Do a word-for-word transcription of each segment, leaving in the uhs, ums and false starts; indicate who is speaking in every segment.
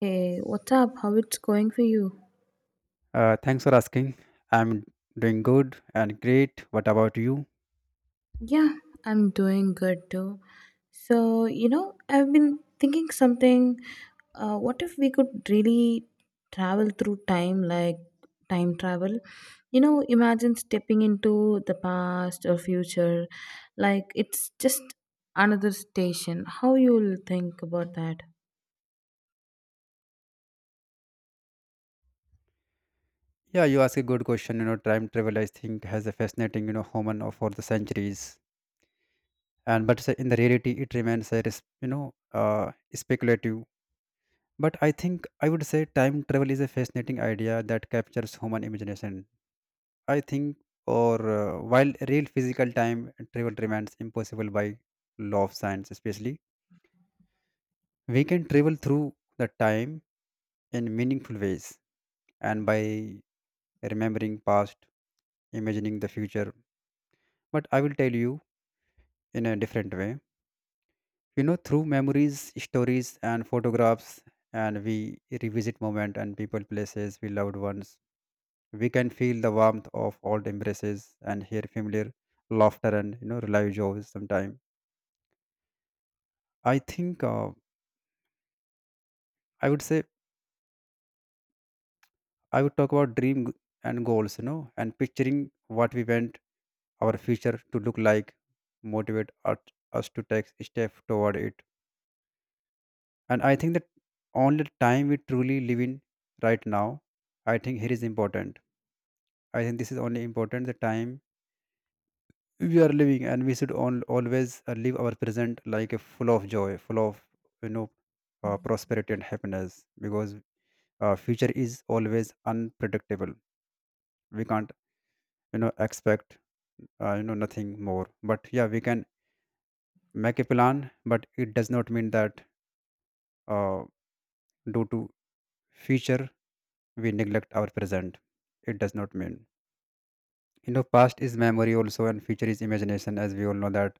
Speaker 1: Hey, what's up? How it's going for you?
Speaker 2: Uh, thanks for asking. I'm doing good and great. What about you?
Speaker 1: Yeah, I'm doing good too. So, you know, I've been thinking something. Uh, what if we could really travel through time, like time travel? You know, imagine stepping into the past or future. Like, it's just another station. How you'll think about that?
Speaker 2: Yeah, you ask a good question. You know, time travel, I think, has a fascinating, you know, human of for the centuries. And but say in the reality, it remains a, res- you know, uh, speculative. But I think I would say time travel is a fascinating idea that captures human imagination. I think, or uh, while real physical time travel remains impossible by law of science, especially, we can travel through the time in meaningful ways and by remembering past, imagining the future. But I will tell you in a different way. You know, through memories, stories, and photographs, and we revisit moment and people, places, we loved ones. We can feel the warmth of old embraces and hear familiar laughter and you know relive joys sometime. I think uh, I would say I would talk about dream g- and goals, you know, and picturing what we want our future to look like, motivate us, us to take a step toward it. And I think that only time we truly live in right now, I think here is important. I think this is only important the time we are living, and we should all, always uh, live our present like a full of joy, full of you know uh, prosperity and happiness, because uh, future is always unpredictable. We can't you know expect uh, you know nothing more, but yeah, we can make a plan, but it does not mean that uh, due to future we neglect our present. It does not mean, you know, past is memory also and future is imagination, as we all know that.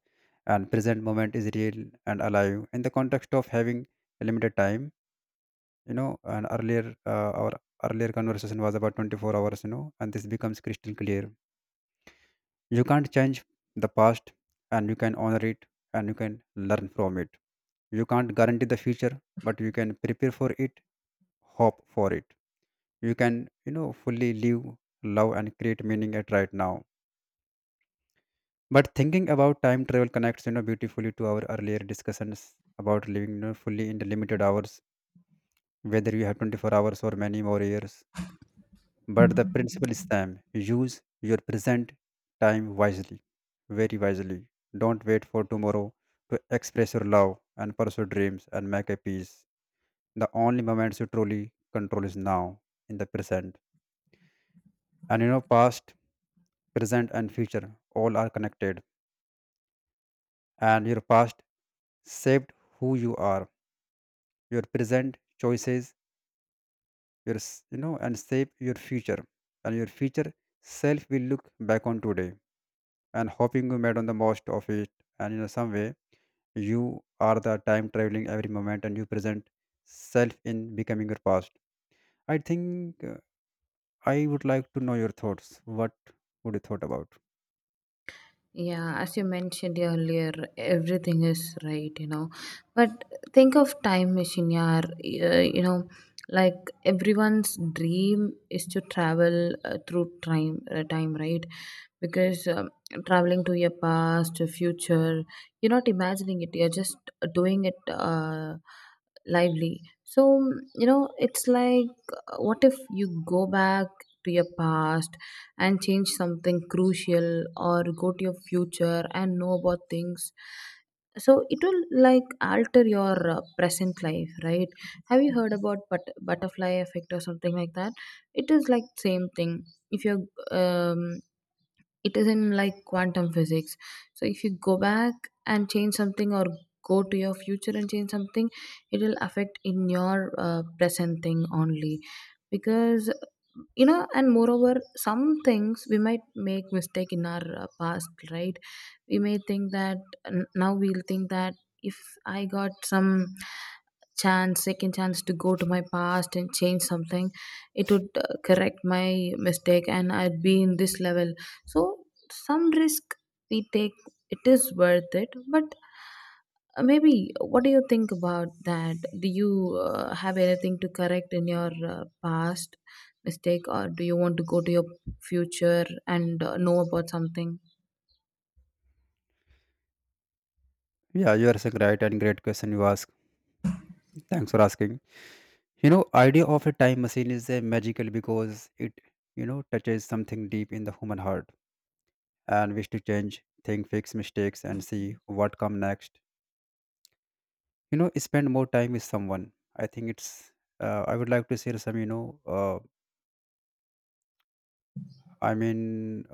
Speaker 2: And present moment is real and alive in the context of having a limited time, you know. And earlier uh, our earlier conversation was about twenty-four hours, you know, and this becomes crystal clear. You can't change the past, and you can honor it, and you can learn from it. You can't guarantee the future, but you can prepare for it, hope for it. You can, you know, fully live, love, and create meaning at right now. But thinking about time travel connects, you know, beautifully to our earlier discussions about living, you know, fully in the limited hours, whether you have twenty-four hours or many more years. But the principle is same. Use your present time wisely, very wisely. Don't wait for tomorrow to express your love and pursue dreams and make a peace. The only moments you truly control is now, in the present. And you know, past, present, and future all are connected. And your past shaped who you are, your present choices, your s- you know, and shape your future. And your future self will look back on today and hoping you made on the most of it. And in some way you are the time traveling every moment and you present self in becoming your past. I think uh, I would like to know your thoughts what would you thought about.
Speaker 1: Yeah, as you mentioned earlier, everything is right, you know. But think of time machine, yeah. Uh, you know, like everyone's dream is to travel uh, through time, uh, time, right? Because um, traveling to your past, your future, you're not imagining it. You're just uh, doing it uh, lively. So you know, it's like, uh, what if you go back to your past, and change something crucial, or go to your future and know about things? So it will like alter your uh, present life, right? Have you heard about but- butterfly effect or something like that? It is like same thing. If you're um, it is in like quantum physics. So if you go back and change something, or go to your future and change something, it will affect in your uh, present thing only. Because you know, and moreover, some things we might make mistake in our uh, past, right? We may think that, n- now we'll think that, if I got some chance second chance to go to my past and change something, it would uh, correct my mistake and I'd be in this level. So some risk we take, it is worth it. But uh, maybe, what do you think about that? Do you uh, have anything to correct in your uh, past mistake, or do you want to go to your future and uh, know about something?
Speaker 2: Yeah, you are saying right, and great question you ask. Thanks for asking. You know, idea of a time machine is a magical because it, you know, touches something deep in the human heart and wish to change think fix mistakes and see what come next. You know, spend more time with someone. I think it's uh, I would like to share some, you know uh, I mean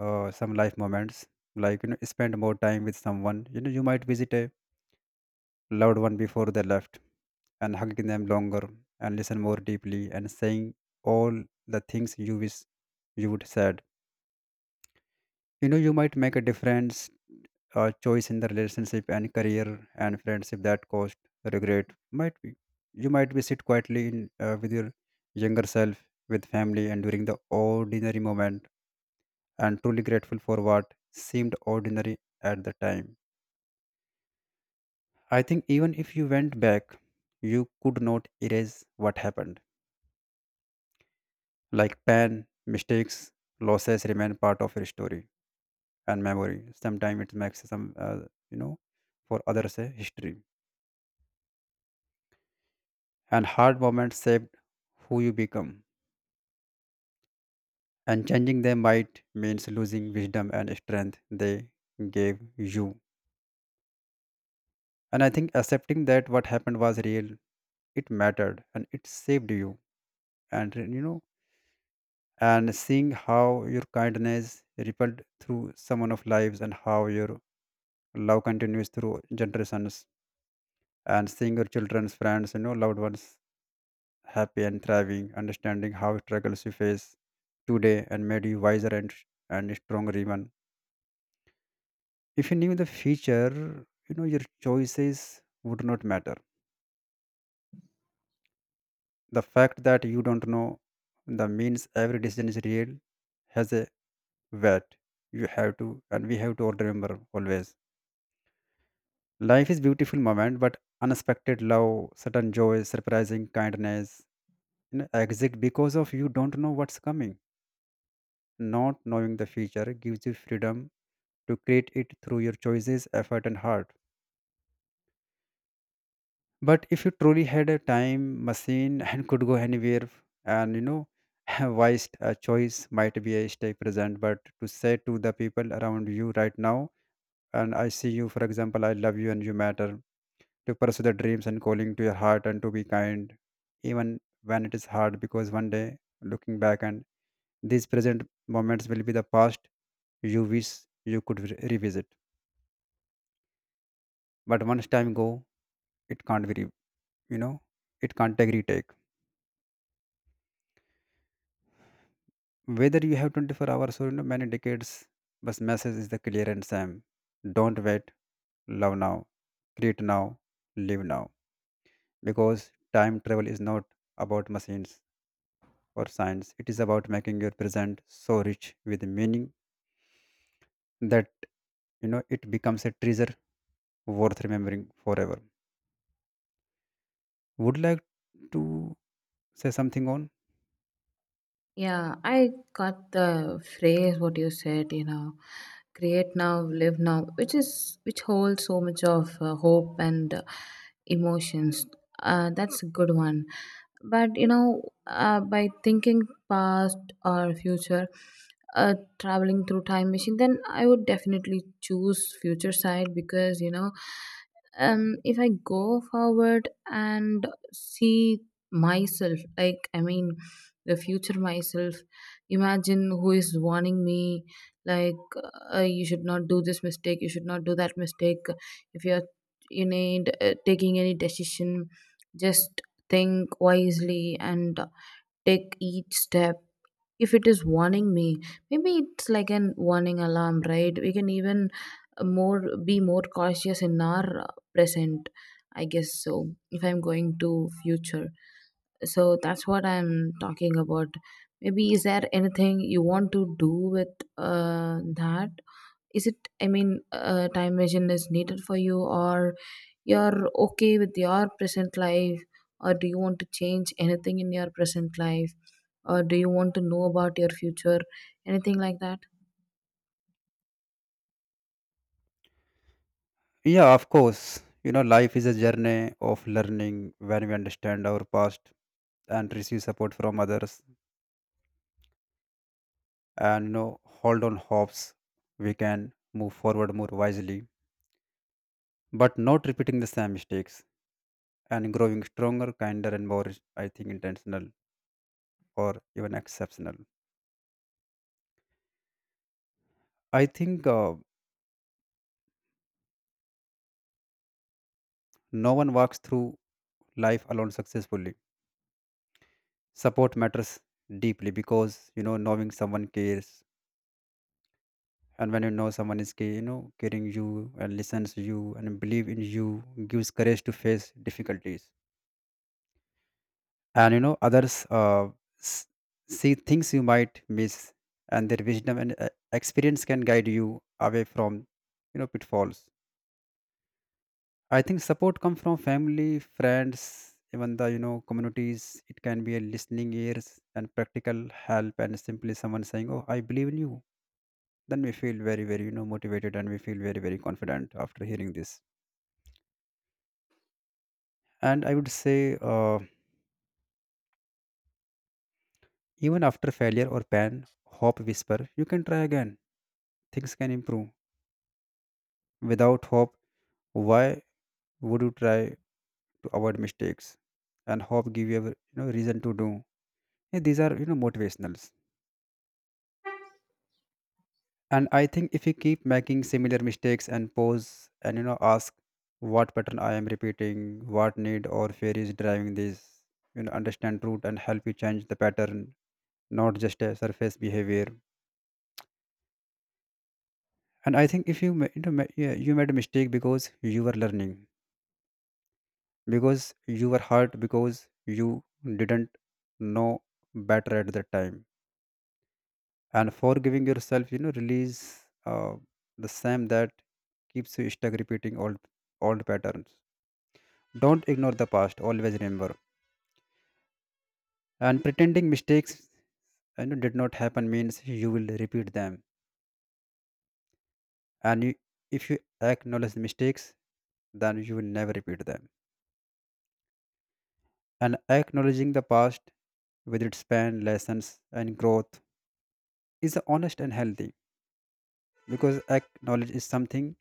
Speaker 2: uh, some life moments, like, you know, spend more time with someone. You know, you might visit a loved one before they left and hugging them longer and listen more deeply and saying all the things you wish you would said. You know, you might make a difference uh, choice in the relationship and career and friendship that caused regret. Might be you might be sit quietly in uh, with your younger self with family and during the ordinary moment and truly grateful for what seemed ordinary at the time. I think even if you went back you could not erase what happened, like pain, mistakes, losses remain part of your story and memory. Sometimes it makes some uh, you know, for others a history. And hard moments shape who you become. And changing them might means losing wisdom and strength they gave you. And I think accepting that what happened was real, it mattered and it saved you. And you know, and seeing how your kindness rippled through someone of lives and how your love continues through generations and seeing your children's friends, you know, loved ones happy and thriving, understanding how struggles you face today and made you wiser and and stronger even. If you knew the future, you know, your choices would not matter. The fact that you don't know the means every decision is real, has a weight. You have to, and we have to all remember always. Life is beautiful moment, but unexpected love, sudden joy, surprising kindness, you know, exist because of you don't know what's coming. Not knowing the future gives you freedom to create it through your choices, effort, and heart. But if you truly had a time machine and could go anywhere, and you know, wise a choice might be a stay present, but to say to the people around you right now, and I see you, for example, I love you and you matter, to pursue the dreams and calling to your heart and to be kind, even when it is hard, because one day looking back and these present moments will be the past you wish you could re- revisit. But once time go, it can't be, re- you know, it can't take retake. Whether you have twenty-four hours or, you know, many decades, but message is the clear and same. Don't wait. Love now, create now, live now, because time travel is not about machines or science. It is about making your present so rich with meaning that, you know, it becomes a treasure worth remembering forever. Would like to say something on.
Speaker 1: Yeah, I got the phrase what you said, you know, create now, live now, which is which holds so much of uh, hope and uh, emotions. Uh, that's a good one. But you know, uh, by thinking past or future, uh, traveling through time machine, then I would definitely choose future side. Because you know, um, if I go forward and see myself, like I mean the future myself, imagine who is warning me, like uh, you should not do this mistake, you should not do that mistake. If you're, you need uh, taking any decision, just think wisely and take each step. If it is warning me, maybe it's like an warning alarm, right? We can even uh, more be more cautious in our uh, present, I guess. So if I'm going to future, so that's what I'm talking about. Maybe is there anything you want to do with uh, that? Is it, I mean, uh, time machine is needed for you, or you're okay with your present life, or do you want to change anything in your present life, or do you want to know about your future, anything like that?
Speaker 2: Yeah, of course, you know, life is a journey of learning. When we understand our past and receive support from others and, you know, hold on hopes, we can move forward more wisely, but not repeating the same mistakes and growing stronger, kinder, and more, I think, intentional or even exceptional. I think uh, no one walks through life alone successfully. Support matters deeply, because, you know, knowing someone cares, and when you know someone is care, you know, caring you and listens you and believe in you gives courage to face difficulties. And you know others uh, s- see things you might miss, and their wisdom and uh, experience can guide you away from, you know, pitfalls. I think support comes from family, friends, even the, you know, communities. It can be a listening ears and practical help and simply someone saying, oh, I believe in you. Then we feel very very, you know, motivated, and we feel very very confident after hearing this. And I would say uh, even after failure or pain, hope whisper you can try again, things can improve. Without hope, why would you try to avoid mistakes? And hope give you a, you know, reason to do. Yeah, these are, you know, motivationals. And I think if you keep making similar mistakes and pause and, you know, ask what pattern I am repeating, what need or fear is driving this, you know, understand root and help you change the pattern, not just a surface behavior. And I think if you ma- you know ma- yeah, you made a mistake because you were learning, because you were hurt, because you didn't know better at that time. And forgiving yourself, you know release uh, the same that keeps you stuck repeating old old patterns. Don't ignore the past, always remember. And pretending mistakes, you know, did not happen means you will repeat them. And you, if you acknowledge the mistakes, then you will never repeat them. And acknowledging the past with its pain, lessons and growth is honest and healthy, because acknowledge is something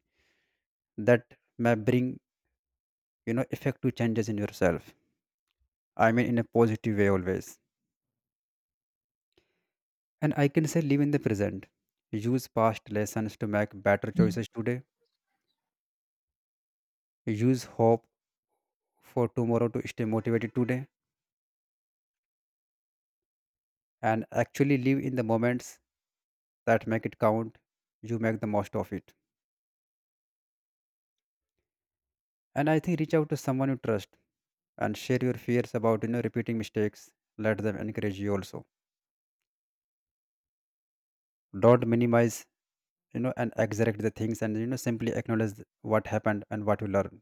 Speaker 2: that may bring, you know effective changes in yourself. I mean, in a positive way always. And I can say live in the present, use past lessons to make better choices today, use hope for tomorrow to stay motivated today, and actually live in the moments that make it count. You make the most of it. And I think reach out to someone you trust and share your fears about, you know repeating mistakes. Let them encourage you also. Don't minimize, you know and extract the things, and you know simply acknowledge what happened and what you learn.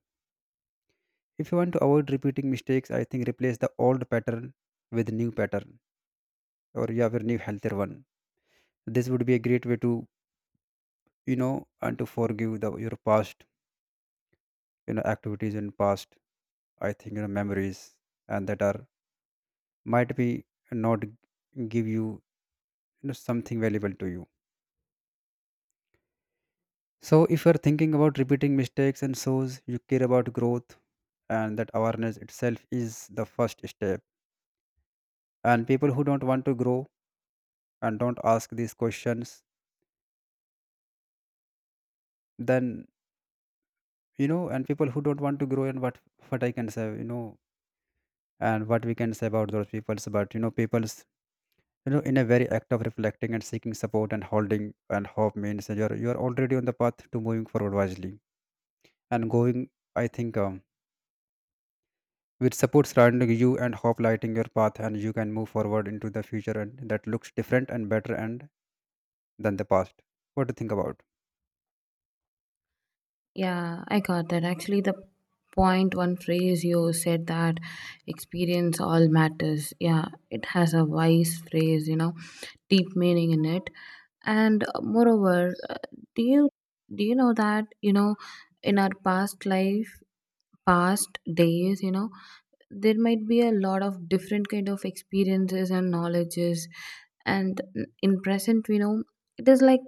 Speaker 2: If you want to avoid repeating mistakes, I think replace the old pattern with new pattern, or you have a new healthier one. This would be a great way to, you know and to forgive the your past, you know activities and past. I think, you know memories and that are might be not give you you know something valuable to you so if you are thinking about repeating mistakes and shows you care about growth and that awareness itself is the first step and people who don't want to grow and don't ask these questions then you know and people who don't want to grow, and what what I can say, you know and what we can say about those peoples, but you know people's, you know in a very act of reflecting and seeking support and holding and hope means that you're you're already on the path to moving forward wisely and going. I think um, with support surrounding you and hope lighting your path, and you can move forward into the future, and that looks different and better and than the past. What do you think about?
Speaker 1: Yeah, I got that. Actually the point one phrase you said that, experience all matters, yeah, it has a wise phrase, you know, deep meaning in it. And uh, moreover, do you do you know that, you know, in our past life, past days, you know, there might be a lot of different kind of experiences and knowledges. And in present we know it is like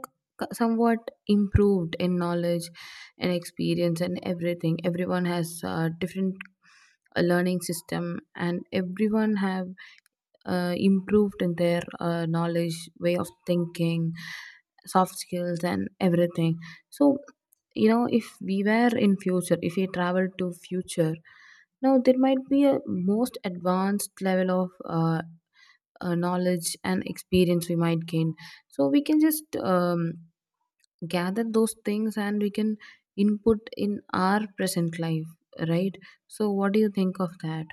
Speaker 1: somewhat improved in knowledge and experience and everything. Everyone has a different uh, learning system, and everyone have uh, improved in their uh, knowledge, way of thinking, soft skills, and everything. So, you know, if we were in future, if we travel to future, now there might be a most advanced level of uh, uh, knowledge and experience we might gain. So we can just um, gather those things and we can input in our present life, right? So, what do you think of that?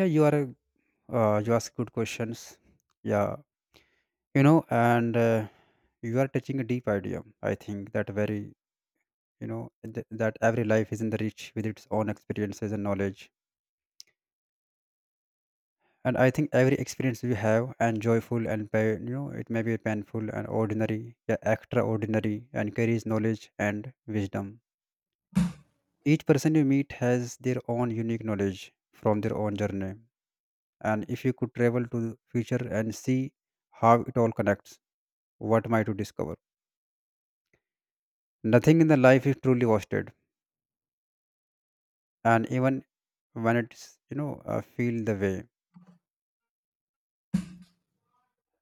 Speaker 2: Yeah, you are. Uh, you ask good questions. Yeah, you know, and uh, you are touching a deep idea. I think that very, you know, th- that every life is enriched with its own experiences and knowledge. And I think every experience we have, and joyful and pain, you know, it may be painful and ordinary, yeah, extraordinary, and carries knowledge and wisdom. Each person you meet has their own unique knowledge from their own journey. And if you could travel to the future and see how it all connects, what might you discover? Nothing in the life is truly wasted, and even when it's you know uh, feel the way.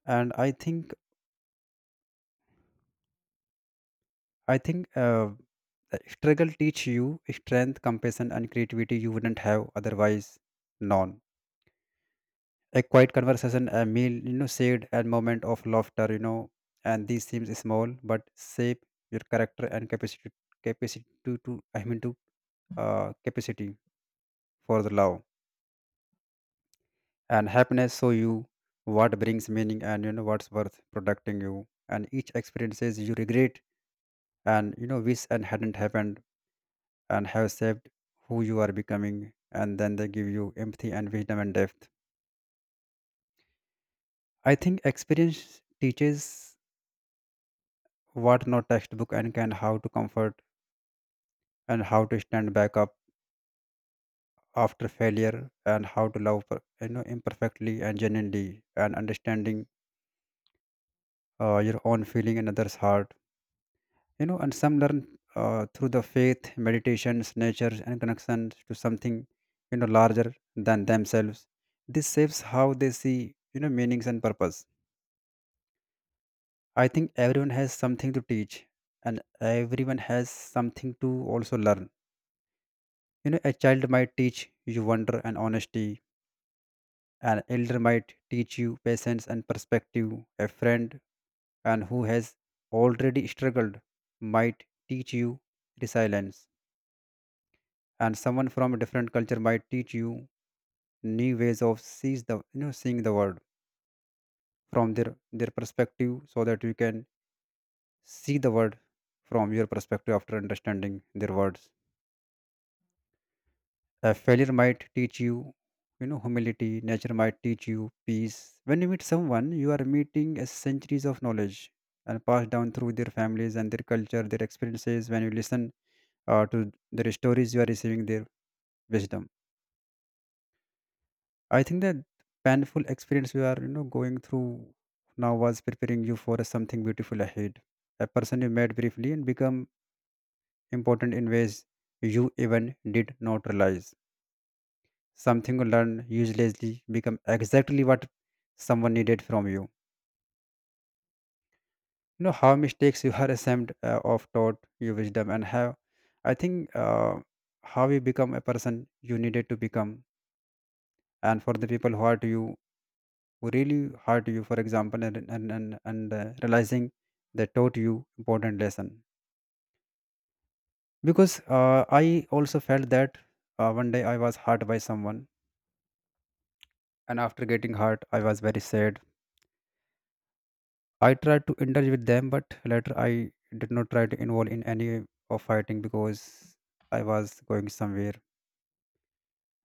Speaker 2: And I think I think uh, the struggle teach you strength, compassion, and creativity you wouldn't have otherwise known. A quiet conversation, a meal, you know, shared, and moment of laughter, you know, and these seems small but shape your character and capacity capacity to, to I mean to uh, capacity for the love. And happiness show you what brings meaning, and you know what's worth protecting you. And each experiences you regret and you know wish and hadn't happened and have saved who you are becoming, and then they give you empathy and wisdom and depth. I think experience teaches what no textbook and can, how to comfort and how to stand back up after failure, and how to love per- you know imperfectly and genuinely, and understanding uh, your own feeling and others heart. You know and some learn uh, through the faith, meditations, nature and connections to something, you know larger than themselves. This shapes how they see, you know meanings and purpose. I think everyone has something to teach, and everyone has something to also learn. You know, a child might teach you wonder and honesty. An elder might teach you patience and perspective. A friend and who has already struggled might teach you resilience. And someone from a different culture might teach you new ways of sees the you know seeing the world from their their perspective, so that you can see the world from your perspective after understanding their words. A failure might teach you, you know, humility. Nature might teach you peace. When you meet someone, you are meeting a centuries of knowledge and passed down through their families and their culture, their experiences. When you listen uh, to their stories, you are receiving their wisdom. I think that painful experience you are, you know, going through now was preparing you for something beautiful ahead. A person you met briefly and become important in ways you even did not realize. Something you learn uselessly become exactly what someone needed from you. You know how mistakes you are ashamed uh, of taught you wisdom, and how I think uh, how you become a person you needed to become. And for the people who are to you, who really hurt you for example, and and and, and uh, realizing they taught you important lesson. Because uh, I also felt that, uh, one day I was hurt by someone, and after getting hurt I was very sad. I tried to indulge with them, but later I did not try to involve in any of fighting, because I was going somewhere.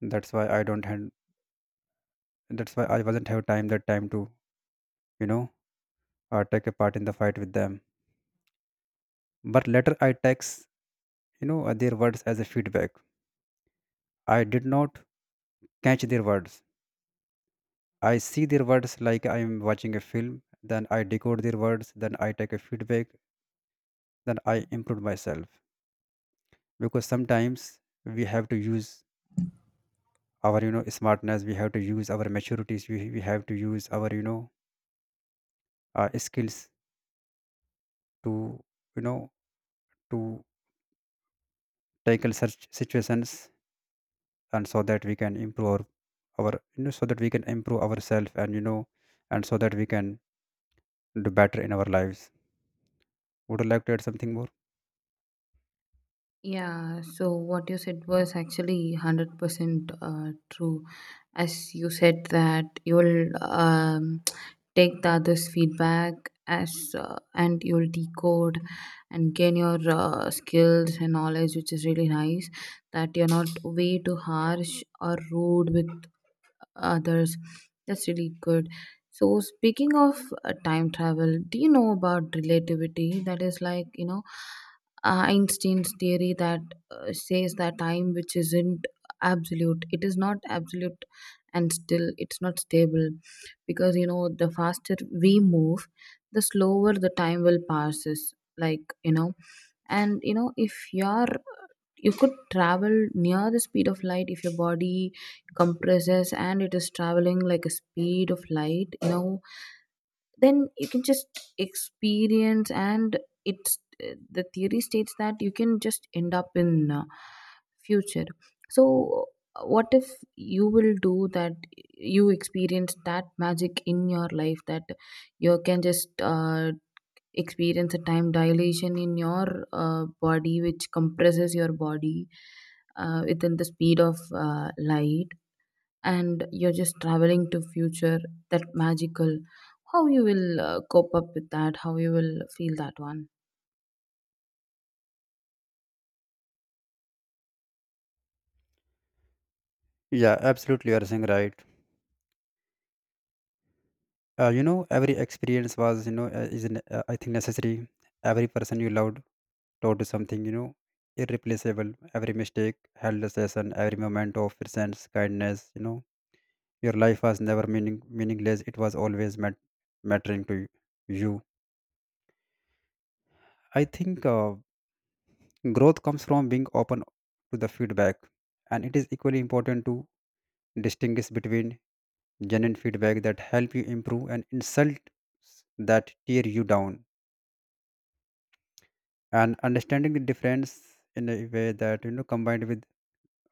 Speaker 2: That's why I don't had, that's why I wasn't have time that time to, you know uh, take a part in the fight with them. But later I takes, you know uh, their words as a feedback. I did not catch their words. I see their words like I am watching a film, then I decode their words, then I take a feedback, then I improve myself. Because sometimes we have to use our, you know, smartness, we have to use our maturities, we, we have to use our, you know uh, skills to, you know to tackle such situations, and so that we can improve our, our, you know, so that we can improve ourselves, and you know, and so that we can do better in our lives. Would you like to add something more?
Speaker 1: Yeah, so what you said was actually one hundred percent uh, true. As you said, that you'll um, take the others' feedback as uh, and you'll decode and gain your uh, skills and knowledge, which is really nice. That you're not way too harsh or rude with others. That's really good. So, speaking of uh, time travel, do you know about relativity? That is like, you know, uh, Einstein's theory that uh, says that time, which isn't absolute, it is not absolute, and still it's not stable. Because, you know, the faster we move, the slower the time will passes. Like, you know, and you know, if you're you could travel near the speed of light. If your body compresses and it is traveling like a speed of light, you know, then you can just experience, and it's the theory states that you can just end up in uh, future. So what if you will do that, you experience that magic in your life, that you can just uh, experience a time dilation in your uh, body, which compresses your body uh, within the speed of uh, light, and you're just traveling to future. That magical, how you will uh, cope up with that, how you will feel that one?
Speaker 2: Yeah, absolutely. You are saying right. Uh, you know, every experience was, you know, uh, is ne- uh, I think necessary. Every person you loved taught you something, you know, irreplaceable. Every mistake held a lesson. Every moment of presence, kindness, you know, your life was never meaning meaningless. It was always mat- mattering to you. I think uh, growth comes from being open to the feedback, and it is equally important to distinguish between genuine feedback that help you improve and insult that tear you down, and understanding the difference in a way that, you know, combined with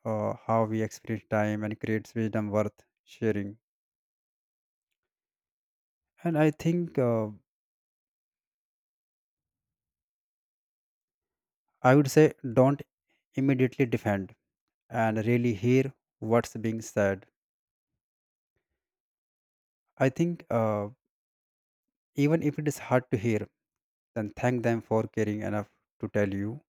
Speaker 2: uh, how we experience time and creates wisdom worth sharing. And I think uh, I would say don't immediately defend and really hear what's being said. I think, uh, even if it is hard to hear, then thank them for caring enough to tell you.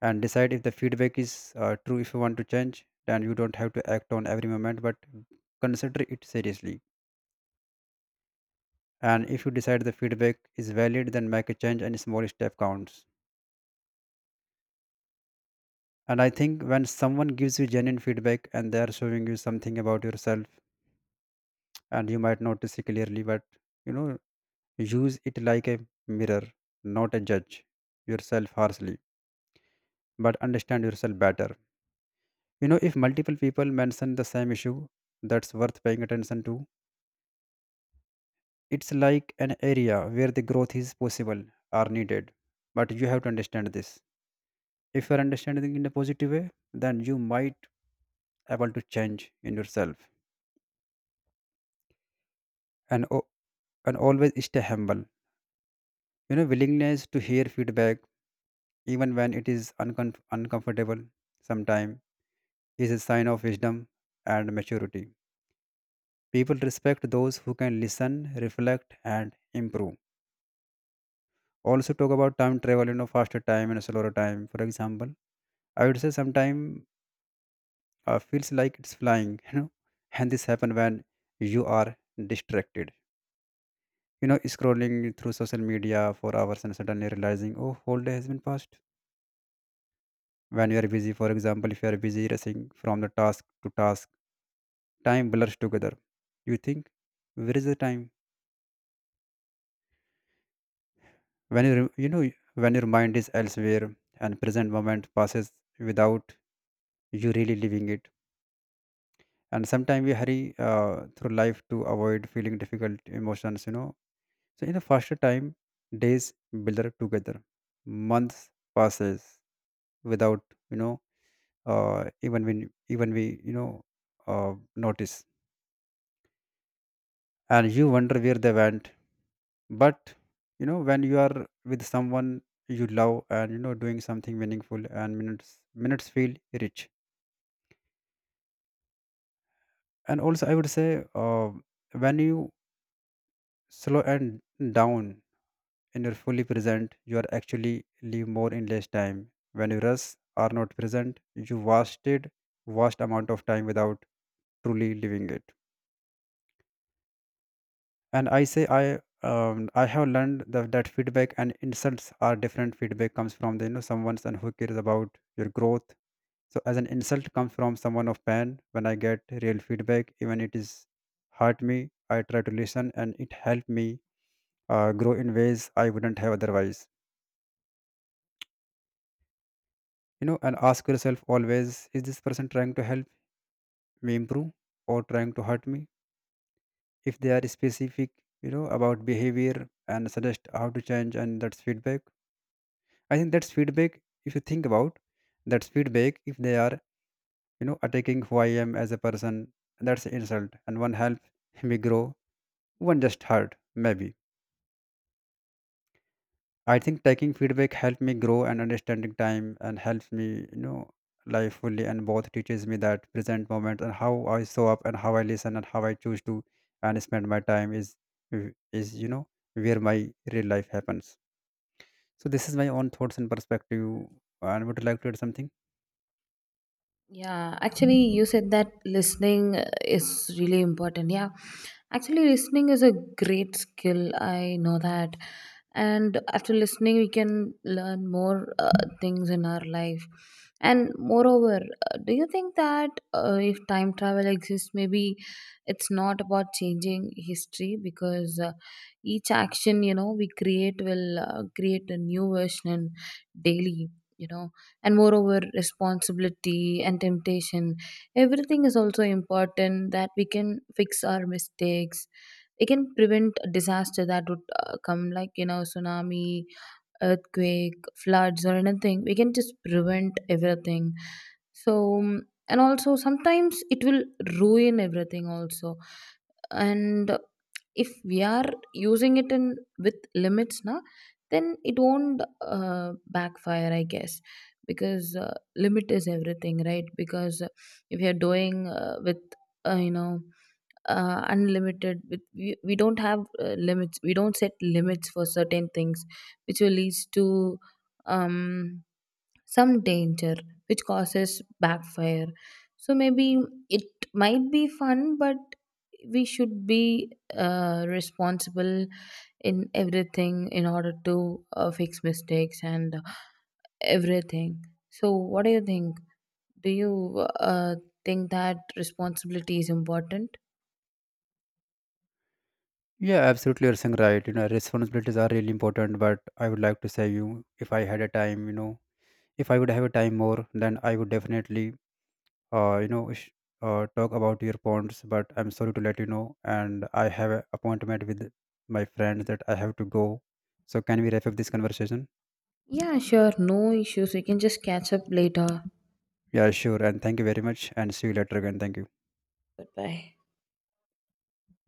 Speaker 2: And decide if the feedback is uh, true. If you want to change, then you don't have to act on every moment, but consider it seriously. And if you decide the feedback is valid, then make a change and small step counts. And I think when someone gives you genuine feedback, and they are showing you something about yourself, and you might notice it clearly, but you know, use it like a mirror, not a judge yourself harshly, but understand yourself better. You know, if multiple people mention the same issue, that's worth paying attention to. It's like an area where the growth is possible or needed. But you have to understand this. If you are understanding in a positive way, then you might able to change in yourself. And o- and always stay humble. You know, willingness to hear feedback, even when it is uncom- uncomfortable sometime, is a sign of wisdom and maturity. People respect those who can listen, reflect, and improve. Also, talk about time travel. You know, faster time and slower time. For example, I would say sometime uh, feels like it's flying, you know. And this happen when you are distracted, you know, scrolling through social media for hours and suddenly realizing, oh, whole day has been passed. When you are busy, for example, if you are busy racing from the task to task, time blurs together. You think, where is the time? When you you know, when your mind is elsewhere and present moment passes without you really living it. And sometimes we hurry uh, through life to avoid feeling difficult emotions, you know. So in a faster time, days build up together. Months passes without, you know, uh, even when even we, you know, uh, notice, and you wonder where they went. But you know, when you are with someone you love and you know doing something meaningful, and minutes minutes feel rich. And also I would say uh, when you slow and down. When you're fully present, you are actually live more in less time. When you rush are not present, you wasted vast amount of time without truly living it. And I say I um, I have learned that, that feedback and insults are different. Feedback comes from the, you know, someone and who cares about your growth. So as an insult comes from someone of pain. When I get real feedback, even it is hurt me, I try to listen, and it helped me uh, grow in ways I wouldn't have otherwise. You know, and ask yourself always, is this person trying to help me improve or trying to hurt me? If they are specific, you know, about behavior and suggest how to change, and that's feedback. I think that's feedback. If you think about, that's feedback. If they are, you know, attacking who I am as a person, that's an insult. And one help me grow, one just hurt maybe. I think taking feedback helped me grow, and understanding time and helps me, you know, life fully. And both teaches me that present moment, and how I show up and how I listen and how I choose to and spend my time is is you know, where my real life happens. So this is my own thoughts and perspective. And would you like to add something?
Speaker 1: Yeah, actually, you said that listening uh, is really important. Yeah, actually, listening is a great skill. I know that. And after listening, we can learn more uh, things in our life. And moreover, uh, do you think that uh, if time travel exists, maybe it's not about changing history? Because uh, each action, you know, we create will uh, create a new version daily, you know? And moreover, responsibility and temptation, everything is also important, that we can fix our mistakes. It can prevent a disaster that would uh, come, like, you know, tsunami, earthquake, floods, or anything. We can just prevent everything. So, mm, and also sometimes it will ruin everything, also. And if we are using it in with limits, na, then it won't uh, backfire, I guess. Because uh, limit is everything, right? Because if you're doing uh, with, uh, you know, uh, unlimited, with we, we don't have uh, limits, we don't set limits for certain things, which will lead to um, some danger which causes backfire. So maybe it might be fun, but we should be uh, responsible in everything, in order to uh, fix mistakes and everything. So what do you think, do you uh, think that responsibility is important?
Speaker 2: Yeah, absolutely. You're saying right. You know, responsibilities are really important. But I would like to say you, if I had a time, you know, if I would have a time more, then I would definitely, uh, you know sh- uh, talk about your points. But I'm sorry to let you know, and I have an appointment with my friend that I have to go. So can we wrap up this conversation?
Speaker 1: Yeah, sure. No issues. We can just catch up later.
Speaker 2: Yeah, sure, and thank you very much, and see you later again. Thank you.
Speaker 1: Goodbye.